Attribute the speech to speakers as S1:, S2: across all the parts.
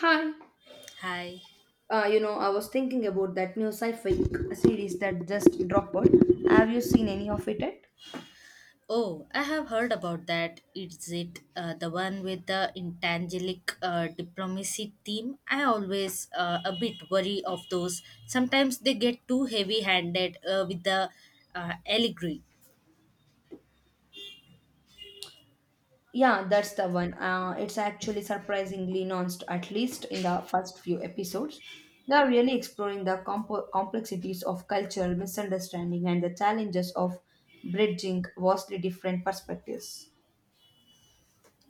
S1: Hi.
S2: Hi.
S1: I was thinking about that new sci-fi series that just dropped. Have you seen any of it yet?
S2: Oh, I have heard about that. Is it the one with the intangible diplomacy theme? I always a bit worry of those. Sometimes they get too heavy-handed with the allegory.
S1: Yeah, that's the one. It's actually surprisingly nuanced, at least in the first few episodes. They are really exploring the compo complexities of cultural misunderstanding and the challenges of bridging vastly different perspectives.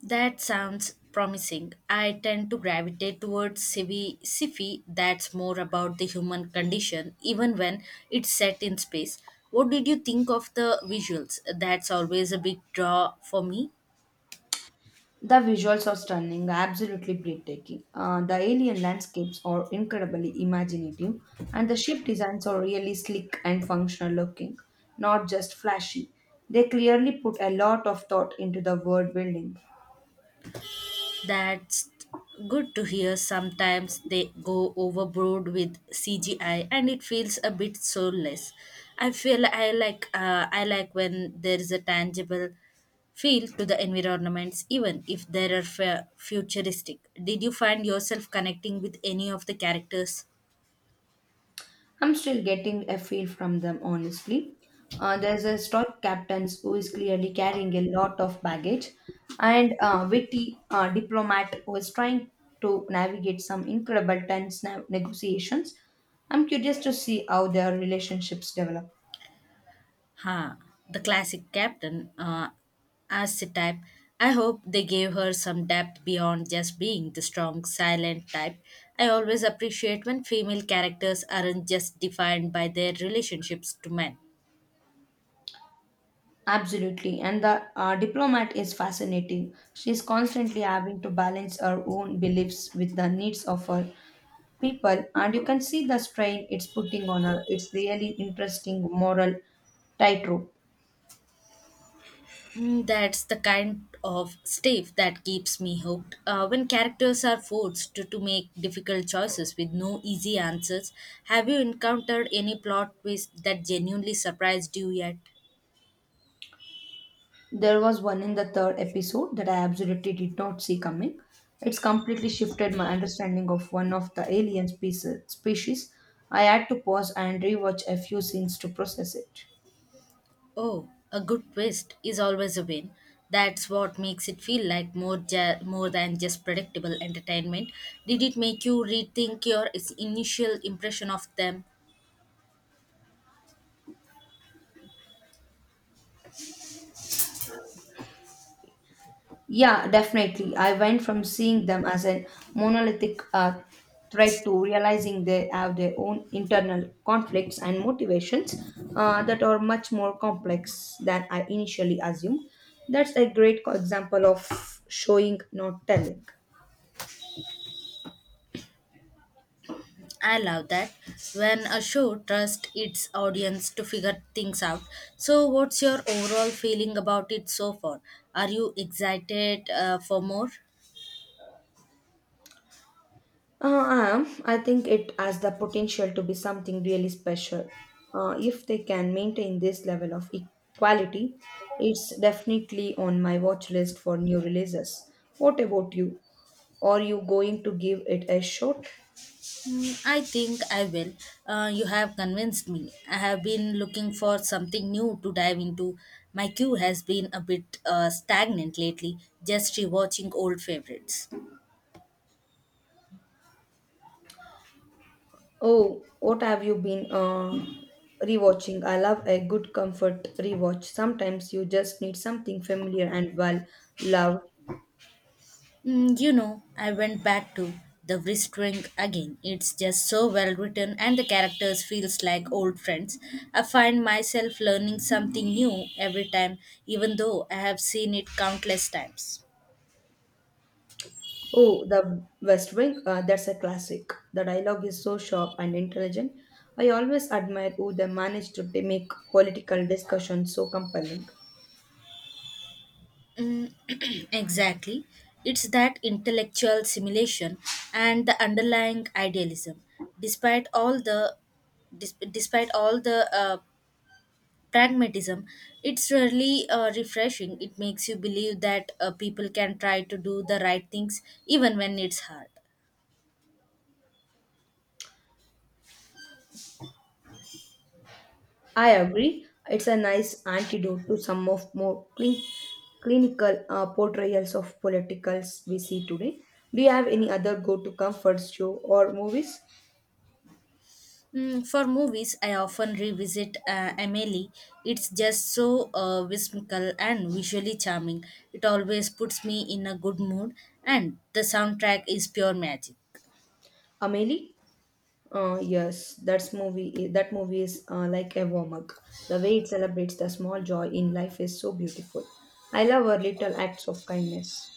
S2: That sounds promising. I tend to gravitate towards civi sci-fi that's more about the human condition, even when it's set in space. What did you think of the visuals? That's always a big draw for me.
S1: The visuals are stunning, absolutely breathtaking. The alien landscapes are incredibly imaginative, and the ship designs are really sleek and functional looking, not just flashy. They clearly put a lot of thought into the world building.
S2: That's good to hear. Sometimes they go overboard with CGI and it feels a bit soulless. I like when there is a tangible feel to the environments even if they are futuristic. Did you find yourself connecting with any of the characters?
S1: I'm still getting a feel from them, honestly. There's a stoic captain who is clearly carrying a lot of baggage, and a witty diplomat who is trying to navigate some incredible tense negotiations. I'm curious to see how their relationships develop.
S2: Ha, the classic captain archetype. I hope they gave her some depth beyond just being the strong, silent type. I always appreciate when female characters aren't just defined by their relationships to men.
S1: Absolutely, and the diplomat is fascinating. She's constantly having to balance her own beliefs with the needs of her people, and you can see the strain it's putting on her. It's really interesting moral tightrope.
S2: Mm, that's the kind of stuff that keeps me hooked. When characters are forced to make difficult choices with no easy answers, have you encountered any plot twist that genuinely surprised you yet?
S1: There was one in the third episode that I absolutely did not see coming. It's completely shifted my understanding of one of the alien species. I had to pause and rewatch a few scenes to process it.
S2: Oh, a good twist is always a win. That's what makes it feel like more than just predictable entertainment. Did it make you rethink your initial impression of them?
S1: Yeah, definitely. I went from seeing them as a monolithic threat to realizing they have their own internal conflicts and motivations that are much more complex than I initially assumed. That's a great example of showing, not telling.
S2: I love that when a show trusts its audience to figure things out. So, what's your overall feeling about it so far? Are you excited for more?
S1: I am. I think it has the potential to be something really special. If they can maintain this level of equality, it's definitely on my watch list for new releases. What about you? Are you going to give it a shot?
S2: Mm, I think I will. You have convinced me. I have been looking for something new to dive into. My queue has been a bit stagnant lately, just rewatching old favorites.
S1: Oh, what have you been rewatching? I love a good comfort rewatch. Sometimes you just need something familiar and well loved.
S2: Mm, you know, I went back to The Whispering again. It's just so well written and the characters feels like old friends. I find myself learning something new every time, even though I have seen it countless times.
S1: Oh, The West Wing, that's a classic. The dialogue is so sharp and intelligent. I always admire who they manage to make political discussion so compelling.
S2: Mm, exactly. It's that intellectual simulation and the underlying idealism. Despite all the dis- despite all the uh, pragmatism, it's really refreshing. It makes you believe that people can try to do the right things even when it's hard.
S1: I agree. It's a nice antidote to some of more clean, clinical portrayals of politicals we see today. Do you have any other go-to comfort show or movies,
S2: Mm, for movies, I often revisit Amelie. It's just so whimsical and visually charming. It always puts me in a good mood, and the soundtrack is pure magic.
S1: Amelie? Yes, that's movie. That movie is like a warm up. The way it celebrates the small joy in life is so beautiful. I love her little acts of kindness.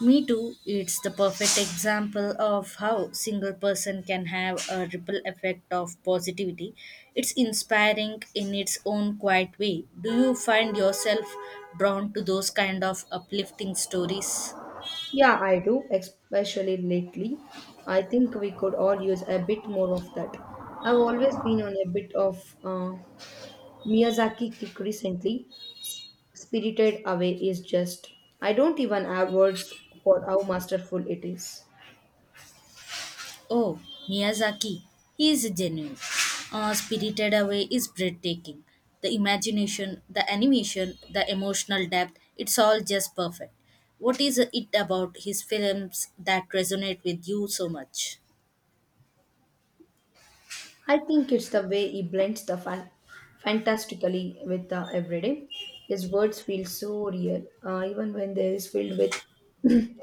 S2: Me too, it's the perfect example of how single person can have a ripple effect of positivity. It's inspiring in its own quiet way. Do you find yourself drawn to those kind of uplifting stories?
S1: Yeah, I do, especially lately. I think we could all use a bit more of that. I've always been on a bit of Miyazaki kick recently. S- Spirited Away is just. I don't even have words for how masterful it is.
S2: Oh, Miyazaki. He is genuine. Spirited Away is breathtaking. The imagination, the animation, the emotional depth, it's all just perfect. What is it about his films that resonate with you so much?
S1: I think it's the way he blends the fantastically with the everyday. His words feel so real, even when they is filled with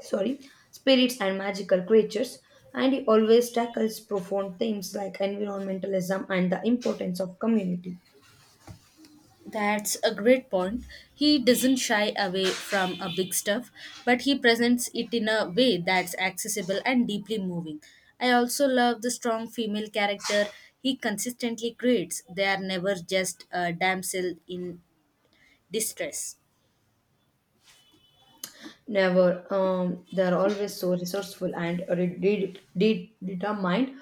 S1: sorry spirits and magical creatures. And he always tackles profound themes like environmentalism and the importance of community.
S2: That's a great point. He doesn't shy away from a big stuff, but he presents it in a way that's accessible and deeply moving. I also love the strong female character he consistently creates. They are never just a damsel in distress.
S1: Never. They're always so resourceful and determined.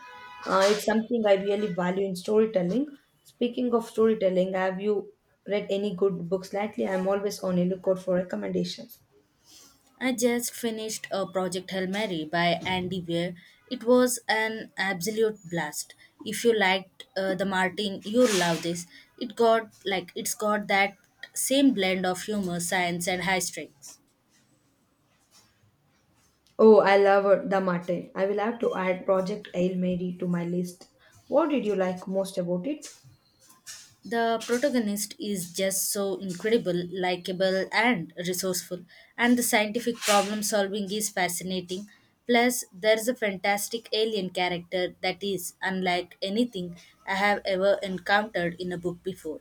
S1: It's something I really value in storytelling. Speaking of storytelling, have you read any good books lately? I'm always on a lookout for recommendations.
S2: I just finished a Project Hail Mary by Andy Weir. It was an absolute blast. If you liked the Martin, you'll love this. It's got that same blend of humor, science, and high stakes.
S1: Oh, I love The Martin. I will have to add Project Hail Mary to my list. What did you like most about it?
S2: The protagonist is just so incredible, likable, and resourceful, and the scientific problem solving is fascinating. Plus, there's a fantastic alien character that is unlike anything I have ever encountered in a book before.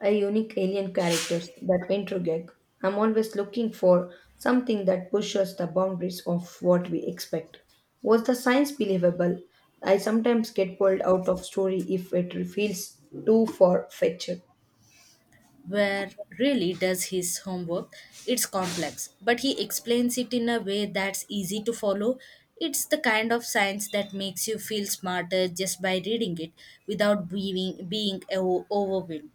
S1: A unique alien characters that intriguing. I'm always looking for something that pushes the boundaries of what we expect. Was the science believable? I sometimes get pulled out of story if it feels too far-fetched.
S2: Where really does his homework. It's complex, but he explains it in a way that's easy to follow. It's the kind of science that makes you feel smarter just by reading it without being overwhelmed.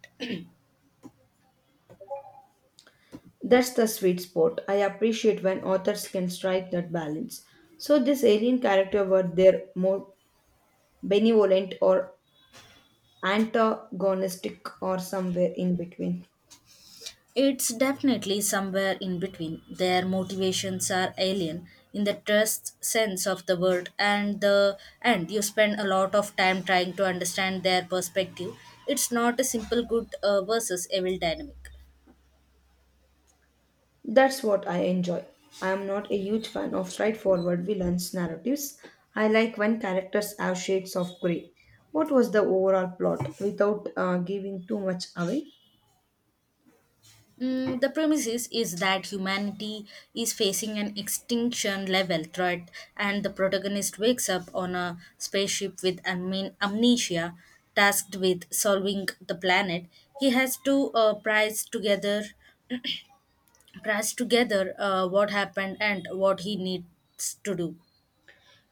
S1: That's the sweet spot. I appreciate when authors can strike that balance. So this alien character were there more benevolent or antagonistic or somewhere in between.
S2: It's definitely somewhere in between. Their motivations are alien in the trust sense of the word and you spend a lot of time trying to understand their perspective. It's not a simple good versus evil dynamic.
S1: That's what I enjoy. I am not a huge fan of straightforward villains narratives. I like when characters have shades of grey. What was the overall plot without giving too much away?
S2: Mm, the premises is that humanity is facing an extinction level threat, and the protagonist wakes up on a spaceship with amnesia, tasked with solving the planet. He has to prize together what happened and what he needs to do.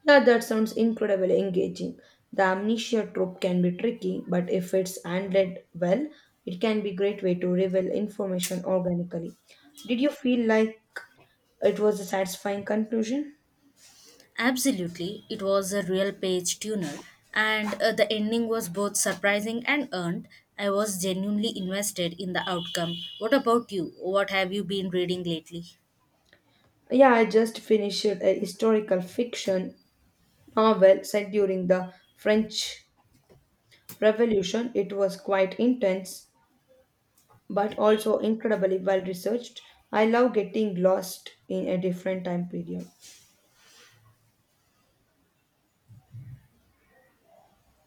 S1: Yeah, that sounds incredibly engaging. The amnesia trope can be tricky, but if it's handled well, it can be a great way to reveal information organically. Did you feel like it was a satisfying conclusion?
S2: Absolutely, it was a real page tuner, and the ending was both surprising and earned. I was genuinely invested in the outcome. What about you? What have you been reading lately?
S1: Yeah, I just finished a historical fiction novel set during the French Revolution. It was quite intense, but also incredibly well researched. I love getting lost in a different time period.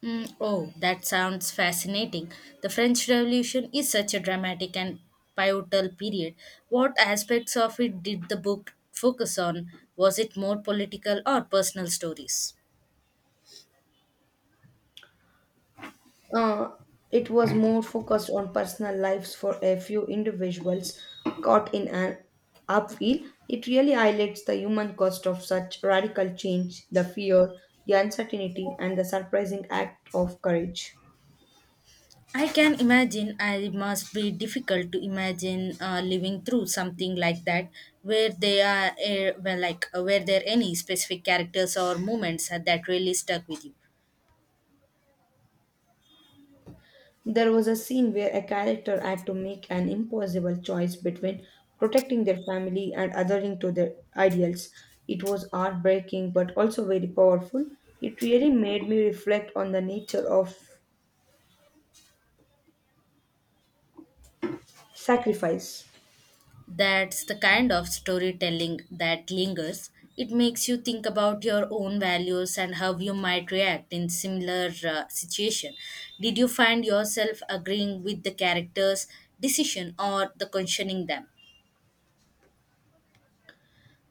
S2: Mm, oh, that sounds fascinating. The French Revolution is such a dramatic and pivotal period. What aspects of it did the book focus on? Was it more political or personal stories?
S1: Uh, it was more focused on personal lives for a few individuals caught in an upheaval. It really highlights the human cost of such radical change, the fear, the uncertainty, and the surprising act of courage.
S2: I can imagine I must be difficult to imagine living through something like that where they are were there any specific characters or moments that really stuck with you.
S1: There was a scene where a character had to make an impossible choice between protecting their family and adhering to their ideals. It was heartbreaking but also very powerful. It really made me reflect on the nature of sacrifice.
S2: That's the kind of storytelling that lingers. It makes you think about your own values and how you might react in similar situation. Did you find yourself agreeing with the characters decision or the questioning them?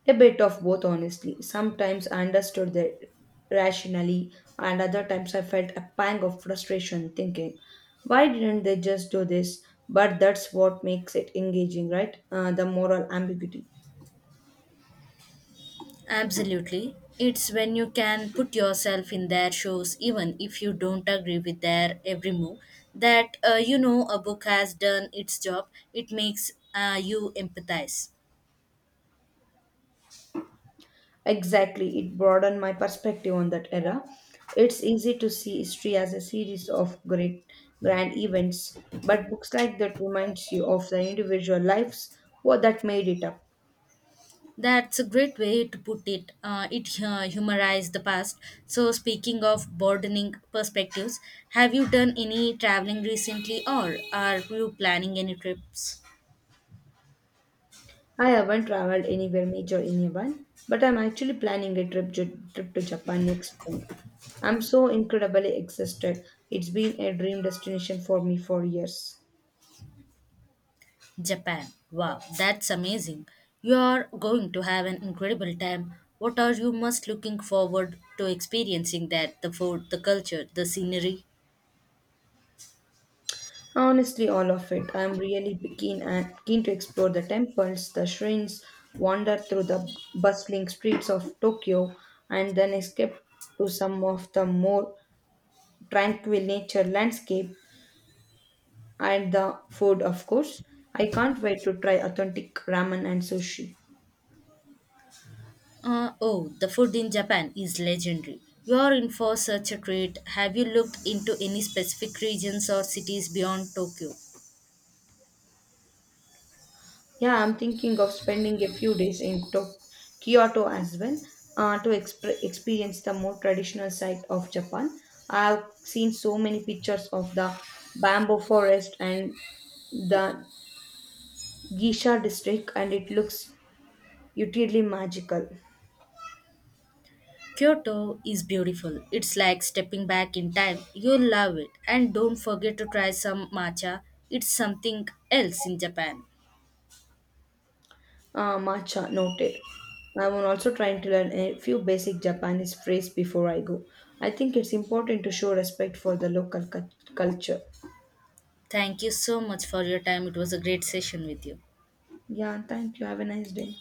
S1: A bit of both, honestly. Sometimes I understood that rationally, and other times I felt a pang of frustration thinking, why didn't they just do this? But that's what makes it engaging, right? The moral ambiguity.
S2: Absolutely. It's when you can put yourself in their shoes, even if you don't agree with their every move, that you know a book has done its job. It makes you empathize.
S1: Exactly, it broadened my perspective on that era. It's easy to see history as a series of great grand events, but books like that reminds you of the individual lives what that made it up.
S2: That's a great way to put it. It humorizes the past. So, speaking of broadening perspectives, have you done any traveling recently or are you planning any trips?
S1: I haven't traveled anywhere major in Japan, but I'm actually planning a trip to Japan next spring. I'm so incredibly exhausted. It's been a dream destination for me for years.
S2: Japan. Wow, that's amazing. You are going to have an incredible time. What are you most looking forward to experiencing that the food, the culture, the scenery?
S1: Honestly, all of it. I'm really keen and keen to explore the temples, the shrines, wander through the bustling streets of Tokyo, and then escape to some of the more tranquil nature landscape and the food, of course. I can't wait to try authentic ramen and sushi.
S2: Oh, the food in Japan is legendary. You are in for such a treat. Have you looked into any specific regions or cities beyond Tokyo?
S1: Yeah, I'm thinking of spending a few days in Kyoto as well to experience the more traditional side of Japan. I've seen so many pictures of the bamboo forest and the Gisha district, and it looks utterly magical.
S2: Kyoto is beautiful. It's like stepping back in time. You'll love it. And don't forget to try some matcha. It's something else in Japan.
S1: Matcha noted. I'm also trying to learn a few basic Japanese phrases before I go. I think it's important to show respect for the local culture.
S2: Thank you so much for your time. It was a great session with you.
S1: Yeah, thank you. Have a nice day.